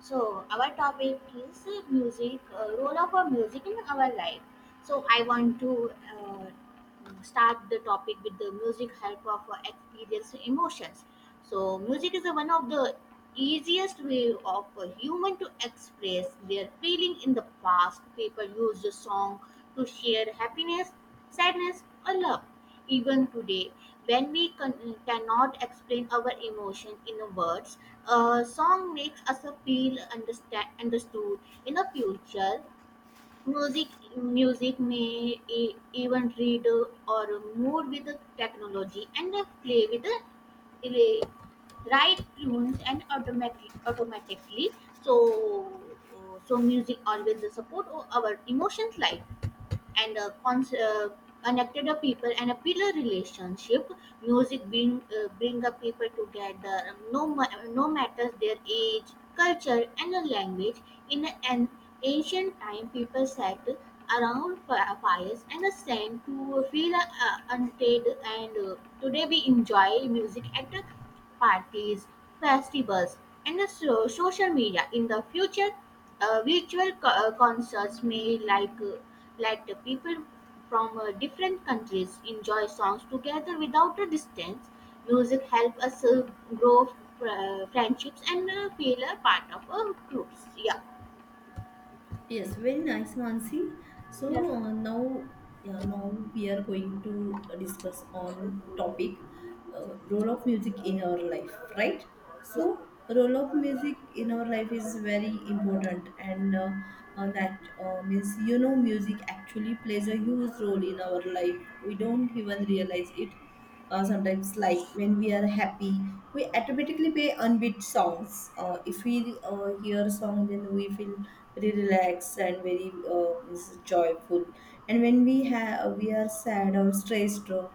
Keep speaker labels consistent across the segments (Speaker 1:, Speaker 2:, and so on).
Speaker 1: So our topic is music, role of our music in our life. So I want to uh, start the topic with the music help of experience emotions. So music is one of the easiest way of a human to express their feeling in the past. People used the song to share happiness, sadness, or love. Even today, when we cannot explain our emotion in words, a song makes us feel understood. In the future, music music may even read or move with the technology and play with the ele- right tunes and automatically. So so music always support our emotions life and connected a people and a pillar relationship music bring a people together no matters their age culture and a language in an ancient time people sat around fires and a sang to feel untamed and today we enjoy music at parties festivals and social media in the future virtual concerts may like let the people from different countries enjoy songs together without a distance. Music help us grow friendships and feel a part of a groups. Yeah.
Speaker 2: Yes, very nice, Mansi. So
Speaker 1: Yes.
Speaker 2: uh, now, yeah, now we are going to discuss on topic role of music in our life, right?
Speaker 1: Yeah,
Speaker 2: So role of music in our life is very important, and that means you know music actually plays a huge role in our life we don't even realize it sometimes like when we are happy we automatically play unbeat songs if we hear a song then we feel very relaxed and very is joyful and when we are sad or stressed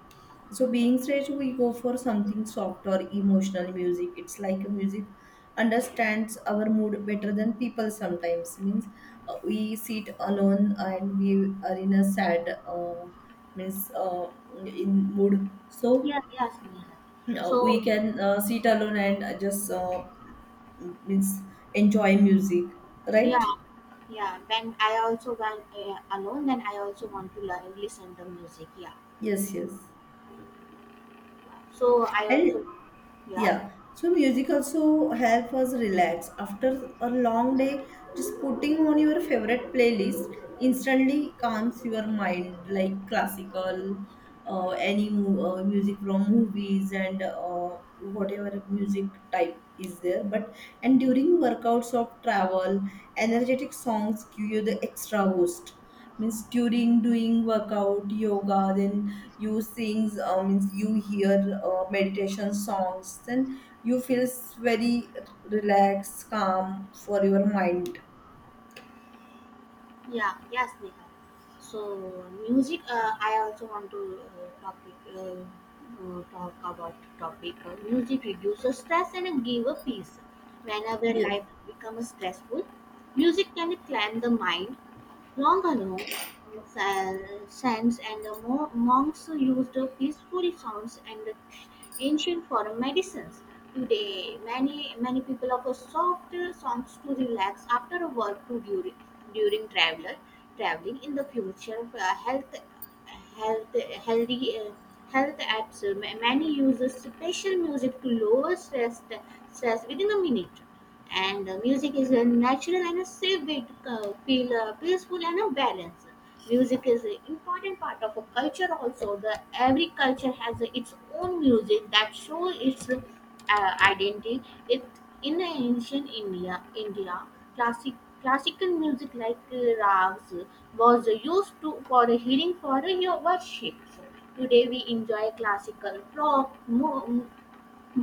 Speaker 2: so being straight, we go for something soft or emotional music. It's like a music understands our mood better than people sometimes. Means we sit alone and we are in a sad means in mood. So
Speaker 1: yeah, yes, Neha.
Speaker 2: we
Speaker 1: So
Speaker 2: can sit alone and just means enjoy music, right?
Speaker 1: yeah, yeah. When I also went alone, then I also want to listen the music. Yeah.
Speaker 2: Yes, yes.
Speaker 1: So I also
Speaker 2: And
Speaker 1: yeah.
Speaker 2: yeah, so music also help us relax after a long day. Just putting on your favorite playlist instantly calms your mind, like classical, music from movies and whatever music type is there. But and during workouts of travel, energetic songs give you the extra boost means during doing workout yoga then you sings means you hear meditation songs then you feel very relaxed calm for your mind.
Speaker 1: Yeah, yes, Neha. So, music. I also want to topic talk about topic. Music reduces stress and give a peace. Whenever
Speaker 2: Yeah.
Speaker 1: life becomes stressful, music can calm the mind Longalong saints and the monks used peaceful sounds and the ancient for medicines. Today, many people offer soft songs to relax after a work to during traveler traveling. In the future, health healthy health apps many use special music to lower stress within a minute and music is a natural and a safe way to feel peaceful and a balance music is an important part of a culture also the every culture has its own music that show its identity it in the ancient india classic classical music like rags was used to for a healing for a your worship today we enjoy classical rock mo.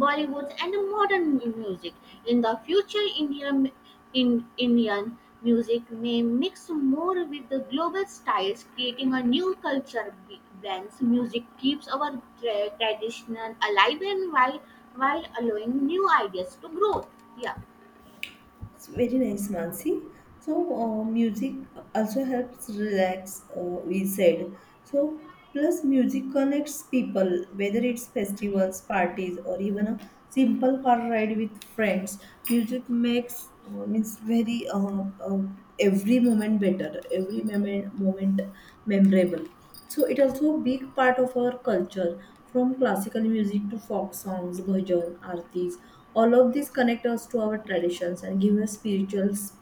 Speaker 1: Bollywood and modern music. In the future, Indian music may mix more with the global styles, creating a new culture blends. Music keeps our tradition alive and while allowing new ideas to grow. Yeah.
Speaker 2: It's very nice, Mansi. So, music also helps relax, we said. So, plus music connects people, whether it's festivals, parties, or even a simple car ride with friends. Music makes means very uh, every moment better, every moment memorable. So it also big part of our culture, from classical music to folk songs, bhajan, aartis. All of these connect us to our traditions and give us spiritual s-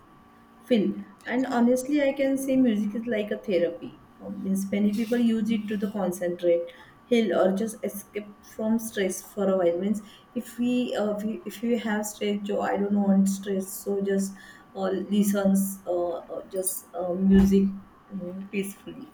Speaker 2: feel. And honestly, I can say music is like a therapy. Means many people use it to the concentrate, heal, or just escape from stress for a while. Means if we, we if you have stress, so I don't want stress, so just uh, listens, just music peacefully,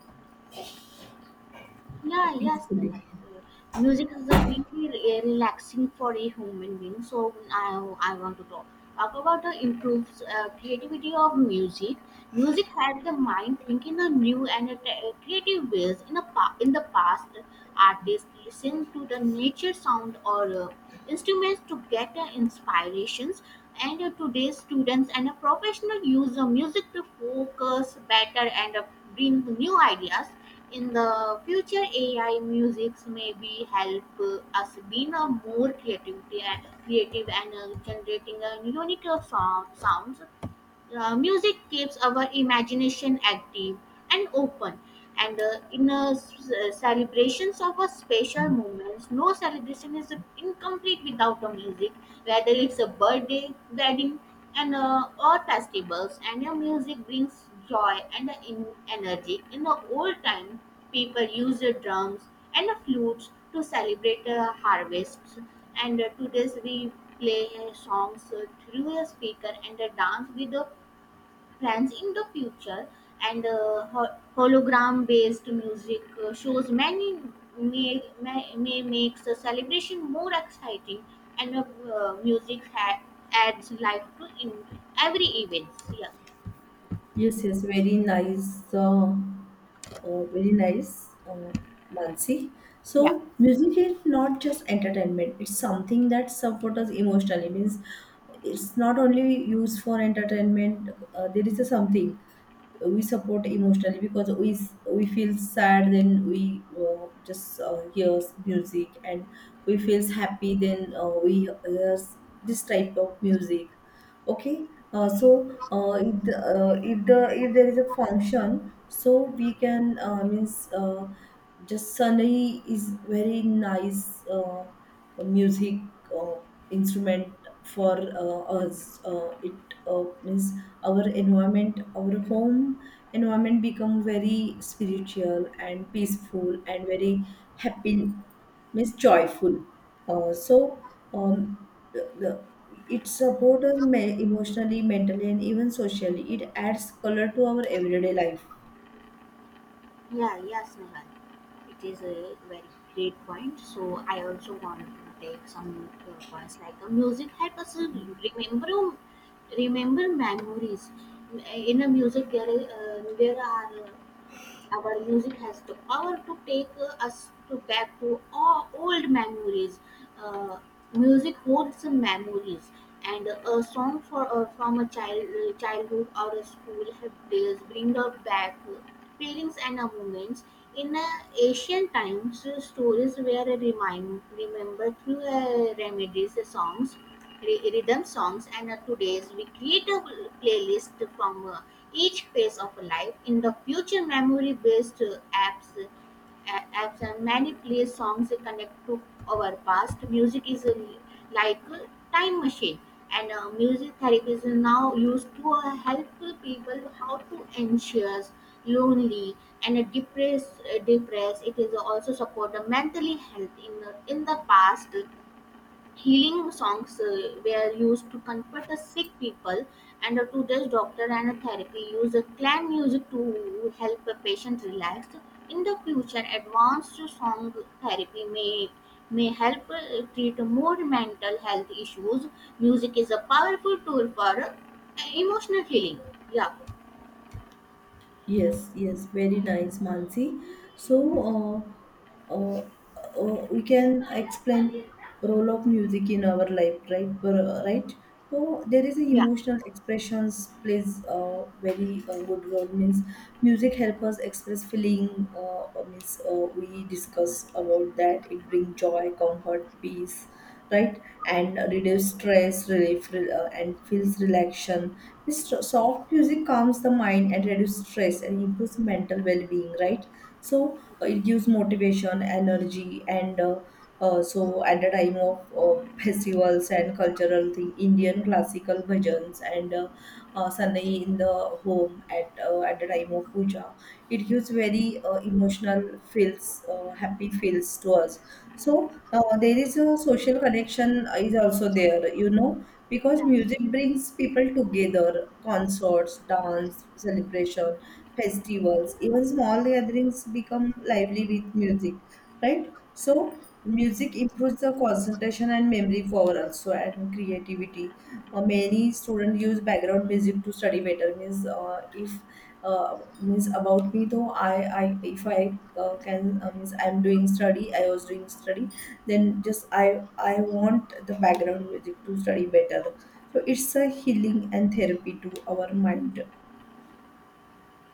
Speaker 1: Yeah, yes, they help.
Speaker 2: peacefully.
Speaker 1: Music is a really relaxing for a human being. So I want to talk about the improves creativity of music. Music helps the mind think in a new and a creative ways. In a in the past, artists listen to the nature sound or instruments to get inspirations. And today's students and a professional use the music to focus better and bring new ideas in the future ai musics may be help us being a more creativity and creative and generating a unique sounds music keeps our imagination active and open and celebrations of a special moments no celebration is incomplete without a music whether it's a birthday wedding and or festivals and your music brings joy and in energy in the old time people used the drums and the flutes to celebrate harvests and today's we play songs through a speaker and dance with the plans in the future and hologram based music shows many may makes the celebration more exciting and music adds life to in every event yeah.
Speaker 2: Yes, yes, very nice, Mansi.
Speaker 1: Yeah.
Speaker 2: So, music is not just entertainment, it's something that supports us emotionally. Means it's not only used for entertainment, there is a something we support emotionally because we feel sad then we just hears music and we feels happy then we hears this type of music. Okay. If, the, if the if there is a function so we can means just sunny is very nice music uh, instrument for us it means our environment our home environment become very spiritual and peaceful and very happy means joyful uh, so um, the, the, it supports us me- emotionally mentally and even socially it adds color to our everyday life.
Speaker 1: Yeah, yes, Nihal. It is a very great point, so I also want to take some points like music helps us remember remember memories in a music there are our music has the power to take us to back to all old memories. Uh, music holds some memories, and a song for from a child childhood or a school have days bring us back feelings and moments. In ancient times, stories were remind remembered through remedies, songs rhythm songs and today's we create a playlist from each phase of life in the future memory based apps and many play songs connect to our past music is like a time machine and music therapy is now used to help people how to anxious lonely and depressed it is also support the mentally health in in the past. Healing songs were used to comfort the sick people, and today's doctor and therapy use clan music to help a patient relax. In the future, advanced song therapy may help treat more mental health issues. Music is a powerful tool for emotional healing. Yeah.
Speaker 2: Yes, yes, very nice, Mansi. So, uh, uh, we can explain role of music in our life, right? Right. So there is a
Speaker 1: Yeah,
Speaker 2: emotional expressions plays a very good role. Means music help us express feeling. Means We discuss about that. It brings joy, comfort, peace, right, and reduce stress relief and feels relaxation. This soft music calms the mind and reduce stress and improves mental well-being, right? So it gives motivation energy and so at the time of festivals and cultural thing indian classical bhajans and Sunday in the home at the time of puja, it gives very emotional feels happy feels to us. So there is a social connection is also there, you know, because
Speaker 1: yeah.
Speaker 2: music brings people together. Concerts, dance, celebration, festivals, even small gatherings become lively with music, right? So music improves the concentration and memory power also and creativity. Many students use background music to study better. Means if means about me though, I if I can means I'm doing study, I was doing study, then just I want the background music to study better, so it's a healing and therapy to our mind.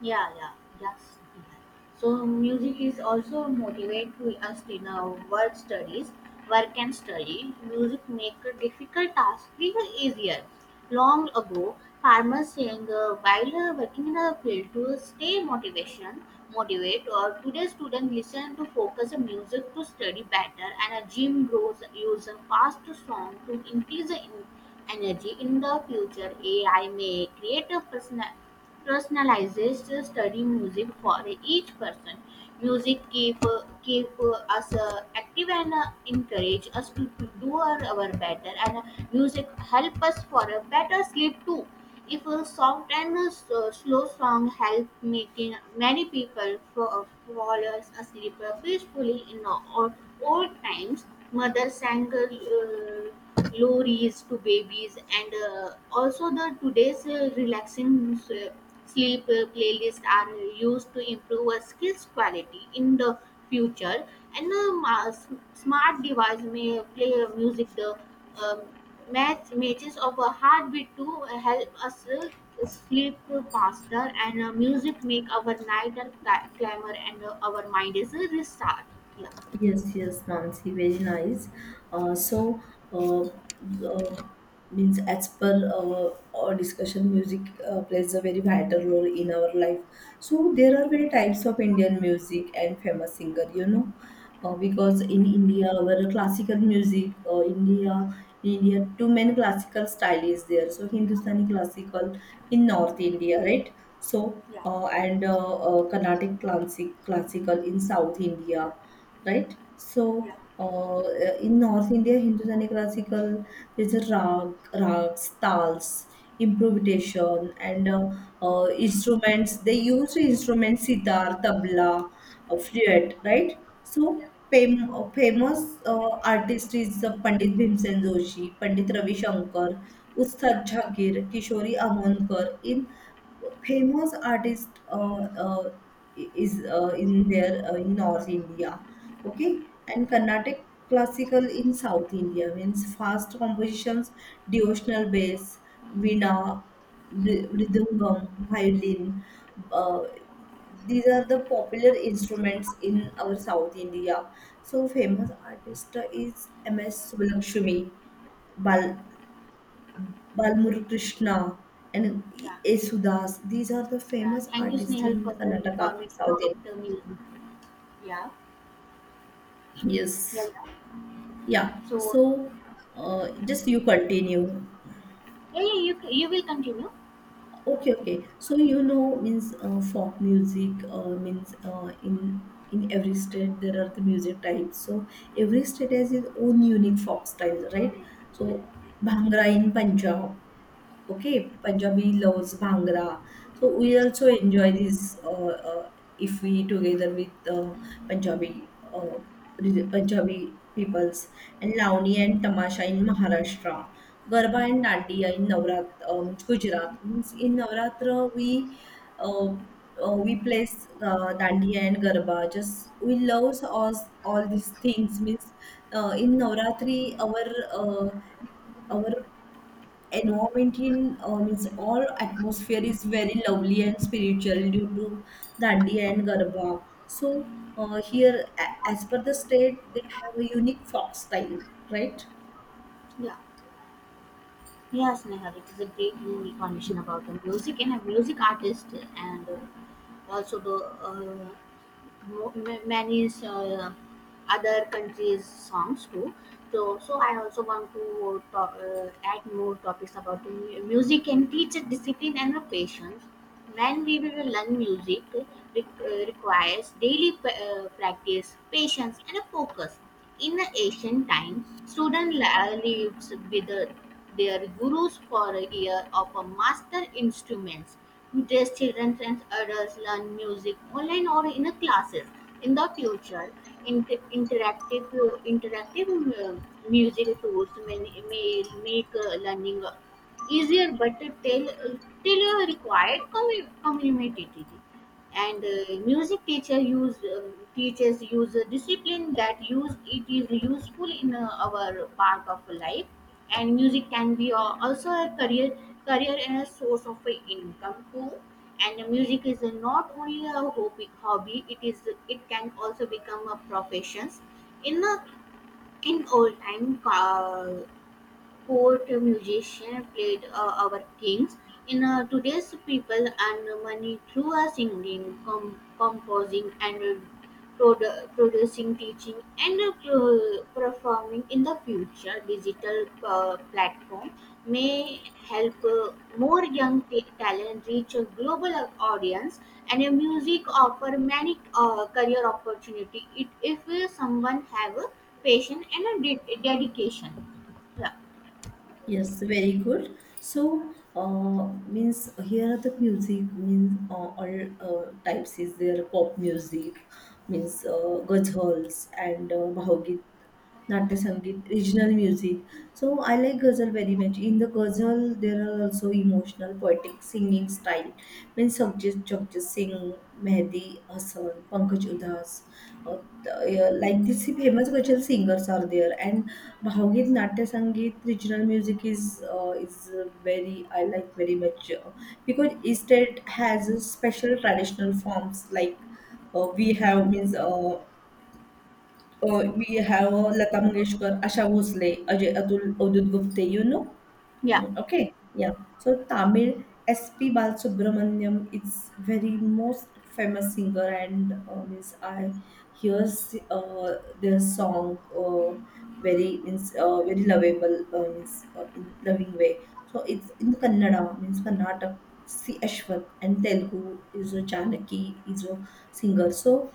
Speaker 1: Yeah, yeah, yes. Yeah. So music is also motivate to us in our work and study. Music make a difficult task feel easier. Long ago, farmers sang while working in a field to stay motivate. Or today, students listen to focus on music to study better, and a gym grows use a fast song to increase the energy. In the future, AI may create a personalized study music for each person. Music keep us active and encourage us to do our better. And music help us for a better sleep too. If a soft and a slow song help making many people fall asleep peacefully in the old times, mother sang. Lorries to babies and also the today's relaxing sleep playlist are used to improve our skills quality in the future and smart device may play music the um, matches of a heartbeat to help us sleep faster and music make our night and clamor and our mind is a restart Yeah,
Speaker 2: Yes, yes, Mansi, very nice. Uh, so, uh, uh, Means as per our discussion, music plays a very vital role in our life. So there are very types of Indian music and famous singer, you know, because in India, our classical music, in India, too many classical style is there. So Hindustani classical in North India, right? So and Carnatic classical in South India, right? So, uh, in North India, Hindustani classical, there's a rags, tals, improvisation, and instruments. They use instruments, sitar, tabla, flute, right? So, famous artist is Pandit Bhimsen Joshi, Pandit Ravi Shankar, Ustad Jagir, Kishori Amonkar. In famous artist is in there in North India. Okay. And carnatic classical in south india means fast compositions, devotional bass, veena, mridangam, violin, uh, these are the popular instruments in our south india. So famous artist is ms Subbulakshmi, bal balmurukrishna and
Speaker 1: yeah,
Speaker 2: yesudas, these are the
Speaker 1: yeah.
Speaker 2: famous
Speaker 1: Thank you,
Speaker 2: artists
Speaker 1: Snehal,
Speaker 2: in
Speaker 1: for the
Speaker 2: karnataka
Speaker 1: information
Speaker 2: south
Speaker 1: about the music. Yeah,
Speaker 2: india. Yes.
Speaker 1: yeah, yeah.
Speaker 2: Yeah.
Speaker 1: So,
Speaker 2: So, just you continue.
Speaker 1: yeah, yeah, you will continue.
Speaker 2: Okay, okay. So you know means folk music means in every state there are the music types. So every state has its own unique folk style, right? So Bhangra in Punjab. Okay, Punjabi loves Bhangra. So we also enjoy this if we together with Punjabi Punjabi peoples, and Launi and Tamasha in Maharashtra. Garba and Dandiya in Navrat, Gujarat. Means in Navratra uh, we plays Dandiya and Garba. Just we love all these things. Means in Navratri our environment in means all atmosphere is very lovely and spiritual due to dandiya and garba. So here as per the state they have a unique folk style, right.
Speaker 1: Yeah. Yes, Neha, it is a great new information about the music and a music artist, and also the many other countries' songs too. So, so I also want to talk, add more topics about the music and teach a discipline and a patience. When we will learn music, requires daily practice, patience, and a focus. In the ancient time, students lived with their gurus for a year of a master instruments. Today's children and adults learn music online or in a classes. In the future, interactive interactive um, music tools may make learning easier, but till required community and music teacher use teachers use a discipline that use it is useful in our part of life and music can be also a career and a source of income too and music is not only a hobby it is it can also become a profession in a in old time poet, musician, played our things in today's people and money through our singing, composing, and producing, teaching, and performing in the future. Digital platform may help more young talent reach a global audience, and music offer many career opportunity. It if someone have a passion and a dedication. Yeah.
Speaker 2: Yes, very good. So, means here are the music means all types is there: pop music, means ghazals and bhavageet, natya sangeet, regional music. So I like ghazal very much. In the ghazal, there are also emotional, poetic singing style, mean Sarjeet Jagjeet Singh, Mehdi Hasan, Pankaj Udas, like these famous cultural singers are there. And Bhavagat Natya Sangeet, regional music is very I like very much because each state has a special traditional forms like we have means. We have Lata Mangeshkar, Asha Bhosle, Ajay Atul, Avadhut Gupte, you know.
Speaker 1: Yeah.
Speaker 2: Mm. Okay, yeah. So Tamil S.P. Balasubramaniam is very most famous singer, and means I hear their song very means very lovable means in loving way. So it's in Kannada means Karnataka. C. Ashwath, and Telugu is a Janaki is a singer. So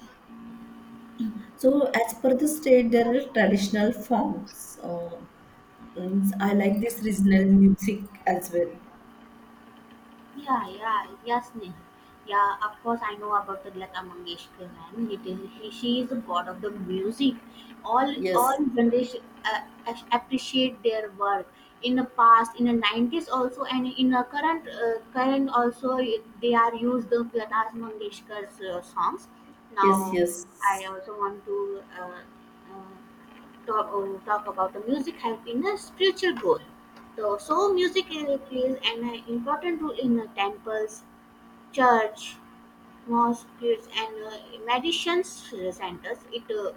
Speaker 2: so as per the state, there are traditional forms. Means I like this regional music as well.
Speaker 1: Yeah, yeah, yes, Neha. Yeah, of course I know about the Lata Mangeshkar man. It is she is the god of the music.
Speaker 2: Yes,
Speaker 1: All generation appreciate their work. In the past, in the 90s also, and in the current also, they are used the Lata Mangeshkar's songs.
Speaker 2: yes,
Speaker 1: Now, I
Speaker 2: yes,
Speaker 1: also want to uh, talk talk about the music help in the spiritual growth. So, so music really plays an important role in the temples, church, mosques, and meditation centers. It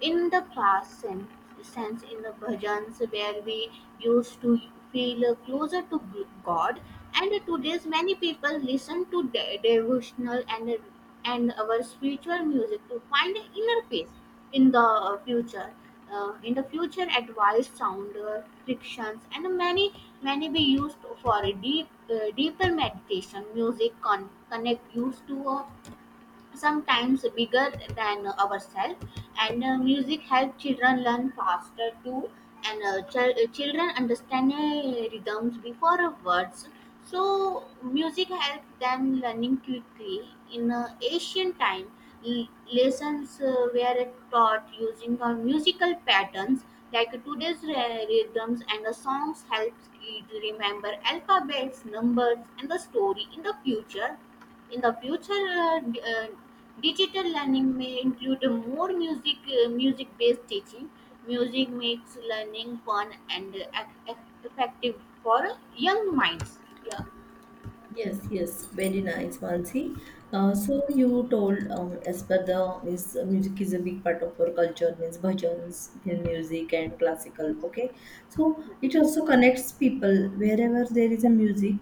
Speaker 1: in the past sense in the bhajans where we used to feel closer to god, and today's many people listen to devotional and our spiritual music to find inner peace. In the future, in the future advanced sound frictions and many many be used for a deep deeper meditation music connect used to a sometimes bigger than ourselves. And music helps children learn faster too, and children understand rhythms before words, so music helps them learning quickly. In ancient time, lessons were taught using musical patterns, like today's rhythms and the songs helps kids remember alphabets, numbers, and the story. In the future, in the future, digital learning may include more music, music based teaching. Music makes learning fun and effective for young minds. Yeah,
Speaker 2: yes, yes. Very nice, Mansi. So you told as per the means music is a big part of our culture, means bhajans, film music, and classical. Okay, so it also connects people wherever there is a music,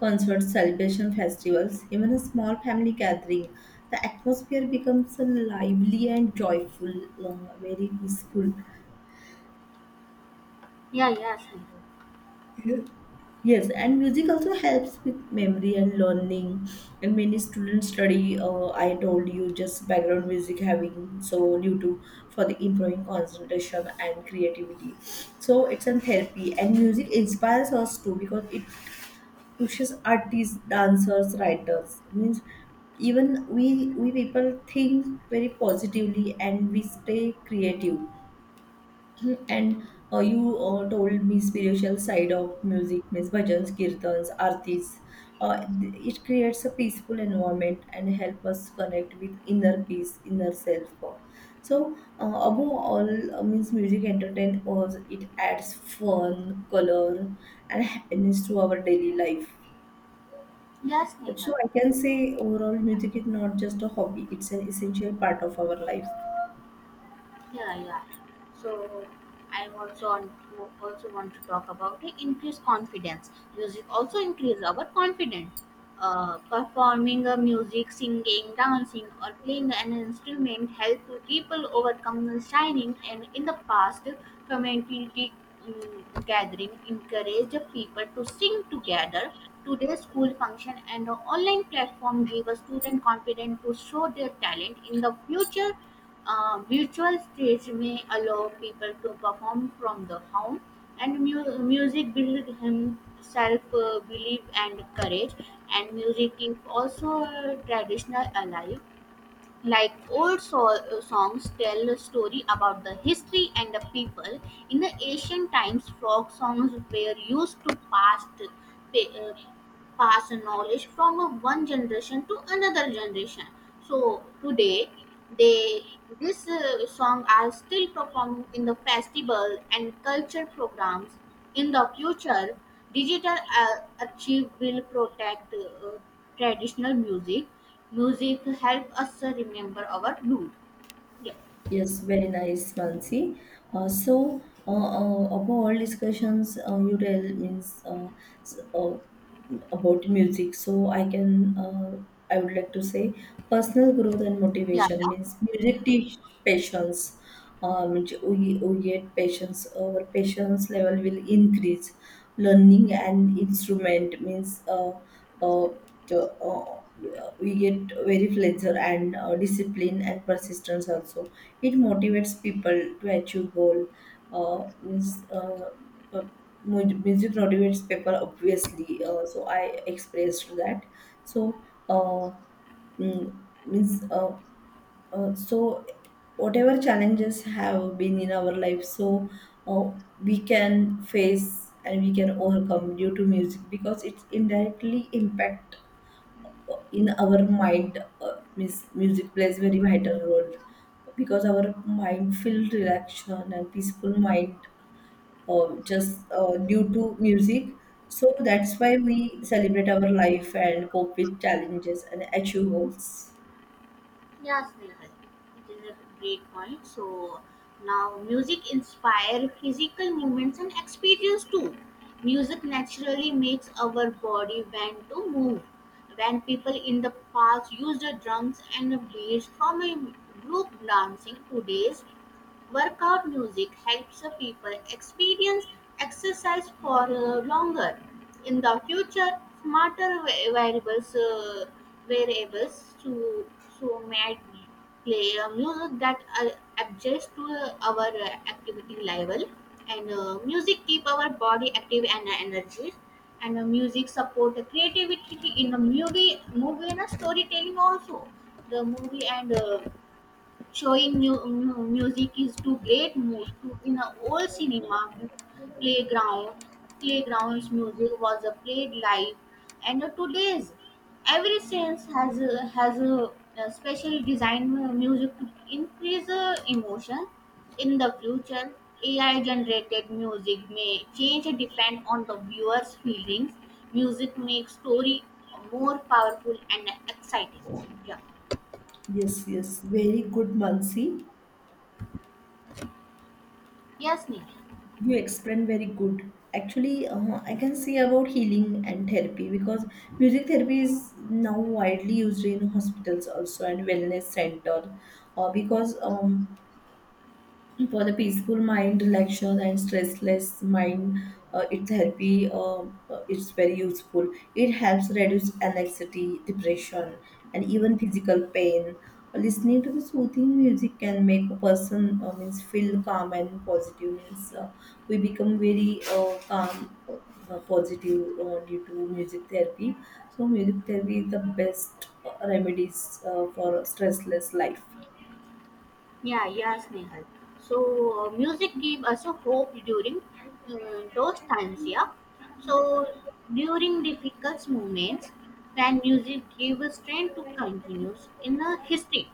Speaker 2: concerts, celebration, festivals, even a small family gathering. The atmosphere becomes lively and joyful, very peaceful.
Speaker 1: yeah, yes, Neha.
Speaker 2: Yes, and music also helps with memory and learning. And many students study, I told you, just background music having, so due to for the improving concentration and creativity. So it's a therapy, and music inspires us too because it pushes artists, dancers, writers. Means even we people think very positively and we stay creative, and you told me spiritual side of music means bhajans, kirtans, artis. It creates a peaceful environment and help us connect with inner peace, inner self. So above all means music entertain us. It adds fun, color, and happiness to our daily life.
Speaker 1: Yes,
Speaker 2: So
Speaker 1: Neha.
Speaker 2: I can say overall music is not just a hobby; it's an essential part of our life.
Speaker 1: Yeah, yeah. So I also also want to talk about the increased confidence. Music also increase our confidence. Performing a music, singing, dancing, or playing an instrument help people overcome the shining. And in the past, community gathering encourage people to sing together. Today, school function and the online platform give a student confidence to show their talent. In the future, a virtual stage may allow people to perform from the home, and music builds himself belief and courage. And music keeps also traditional alive, like old songs tell a story about the history and the people. In the ancient times, folk songs were used to past pass knowledge from a one generation to another generation, so today they this song are still performed in the festival and culture programs. In the future, digital archive will protect traditional music. Music help us remember our root. Yeah,
Speaker 2: Yes, very nice, Mansi. Above all discussions, you tell means s- uh, about music. So, I can I would like to say personal growth and
Speaker 1: yeah,
Speaker 2: motivation
Speaker 1: yeah.
Speaker 2: means music teach patience. Which we get patience, our patience level will increase. Learning and instrument means uh, to, uh, we get very pleasure and discipline and persistence also. It motivates people to achieve goal. uh, means uh, uh, Music motivates people obviously, so I expressed that. So uh, mm, means so whatever challenges have been in our life, so uh, we can face and we can overcome due to music because it's indirectly impact in our mind. Means Music plays very vital role because our mind feel relaxation and peaceful mind, just due to music. So that's why we celebrate our life and cope with challenges and achieve goals.
Speaker 1: Yes, Neeraj, it is a great point. So now music inspire physical movements and experience too. Music naturally makes our body want to move. When people in the past used the drums and beats from a group dancing, today's workout music helps the people experience exercise for longer. In the future, smarter variables, variables to so might play a music that adjusts to our activity level. And music keep our body active and energy. And music support the creativity in a movie and a storytelling also. The movie and showing music is to great mood to in a old cinema, playground, playgrounds music was a played live. And today's every sense has a special design music to increase emotion. In the future, AI generated music may change depend on the viewer's feelings. Music makes story more powerful and exciting. Yeah,
Speaker 2: Yes, yes, very good, Mansi.
Speaker 1: yes, Neil.
Speaker 2: You explain very good. Actually, I can say about healing and therapy because music therapy is now widely used in hospitals also and wellness center. Because for the peaceful mind relaxation and stressless mind, uh, it therapy uh, it's very useful. It helps reduce anxiety depression and even physical pain. Listening to the soothing music can make a person means feel calm and positive means we become very calm positive due to music therapy. So music therapy is the best remedies for a stressless life.
Speaker 1: Yeah, yes, Nehal. So music gave us a hope during uh, those times, yeah. So during difficult moments, when music gave us strength to continue in the history.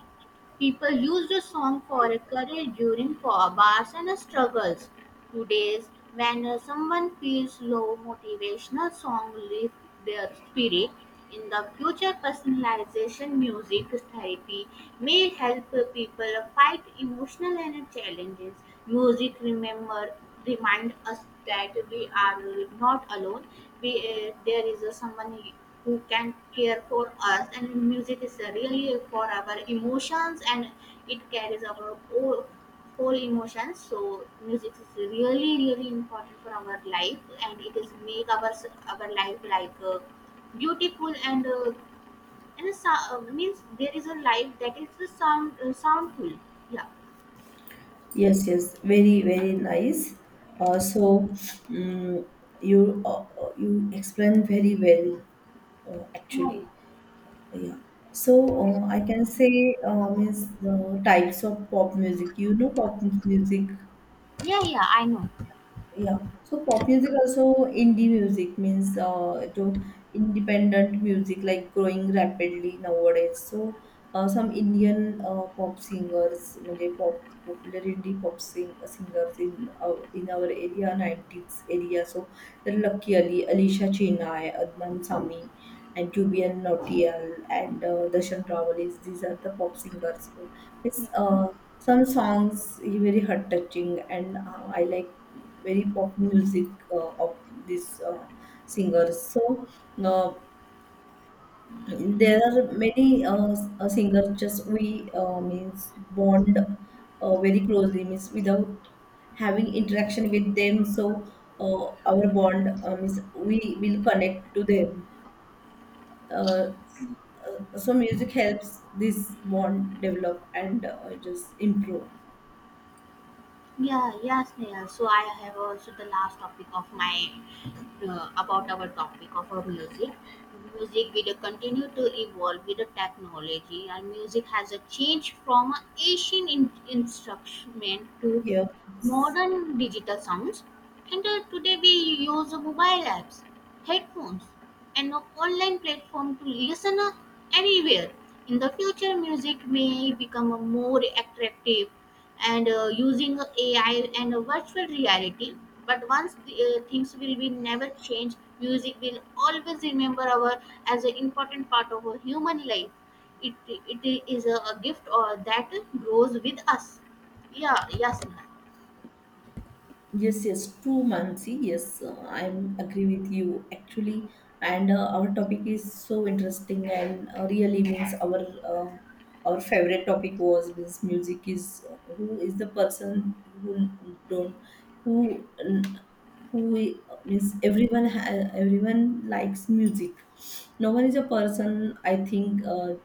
Speaker 1: People used a song for a career during bars and struggles. Today, when someone feels low, motivational song lift their spirit. In the future, personalization music therapy may help people fight emotional and challenges. Music remember remind us that we are not alone. We, there is a someone who can care for us, and music is really for our emotions, and it carries our whole emotions. So music is really really important for our life, and it is make our life like beautiful and a, means there is a life that is the sound soundful. Yeah.
Speaker 2: Yes, yes, very, very nice. Uh, so mm you explained very well,
Speaker 1: Yeah,
Speaker 2: actually. Yeah. So I can say means the types of pop music. You know pop music.
Speaker 1: yeah. Yeah, I know.
Speaker 2: Yeah. So pop music also indie music means to independent music like growing rapidly nowadays. So some Indian pop singers, म्हणजे pop pop singers in in our area 90s area. So there are Lucky Ali, Alicia Chennai, Adnan Sami, and Jubian Nautiyal and Darshan Rawal. These are the pop singers. It's Some songs very heart touching and I like very pop music of these singers. So uh, there are many singers just we means bond very closely means without having interaction with them. So uh, our bond means we will connect to them. Uh, so music helps this bond develop and just improve.
Speaker 1: Yeah, yeah, Sneha. So I have also the last topic of my about our topic of our music. Music will continue to evolve with the technology, and music has a change from a ancient instrument to
Speaker 2: Yeah.
Speaker 1: modern digital sounds. And today we use mobile apps, headphones, and an online platform to listen anywhere. In the future, music may become a more attractive and using AI and virtual reality. But once the, things will be never change, music will always remember our as an important part of our human life. It is a gift or that grows with us. Yeah, yes, yeah, Simran.
Speaker 2: Yes, yes, true, Mansi. Yes, I'm agree with you actually. And our topic is so interesting, and really means uh, our favorite topic was means music is who is the person who don't who who means everyone everyone likes music. No one is a person I think.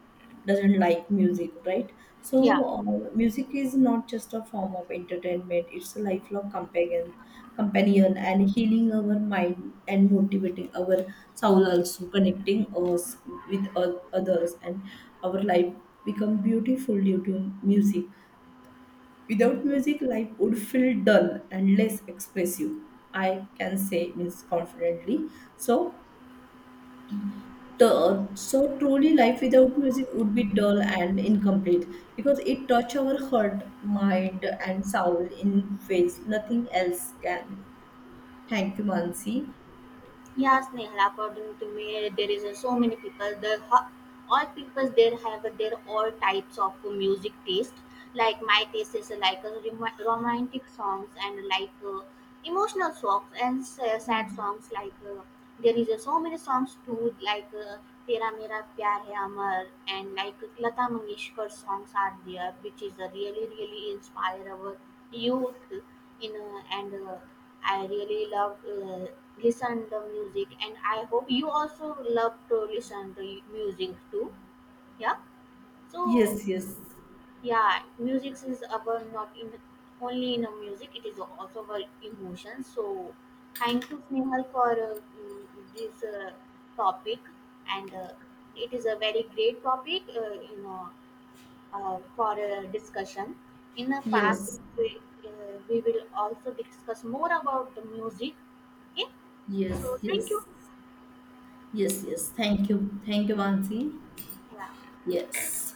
Speaker 2: Doesn't like music, right? So
Speaker 1: Yeah.
Speaker 2: music is not just a form of entertainment, it's a lifelong companion, and healing our mind and motivating our soul, also connecting us with others, and our life become beautiful due to music. Without music life would feel dull and less expressive, I can say means confidently. So the, so truly life without music would be dull and incomplete because it touch our heart mind and soul in ways nothing else can. Thank you, Mansi.
Speaker 1: Yes, Nehal, according to me, there is so many people. The all people there have their all types of music taste. Like my taste is like romantic songs and like emotional songs and sad songs. Like there is so many songs too, like Tera Mera Pyar Hai Amar and like Lata Mangeshkar songs are there, which is really really inspire our youth in and. I really love listen the music, and I hope you also love to listen to music too. Yeah. So
Speaker 2: Yes, yes,
Speaker 1: yeah, music is about not in only in a music; it is also about emotions. So thank you, Snehal, for this topic, and it is a very great topic. You know, for a discussion. In the past,
Speaker 2: yes,
Speaker 1: we, uh, we will also discuss more about the music. Okay,
Speaker 2: yes,
Speaker 1: so thank you.
Speaker 2: yes, yes, yes. Thank you, thank you, Mansi. Yes.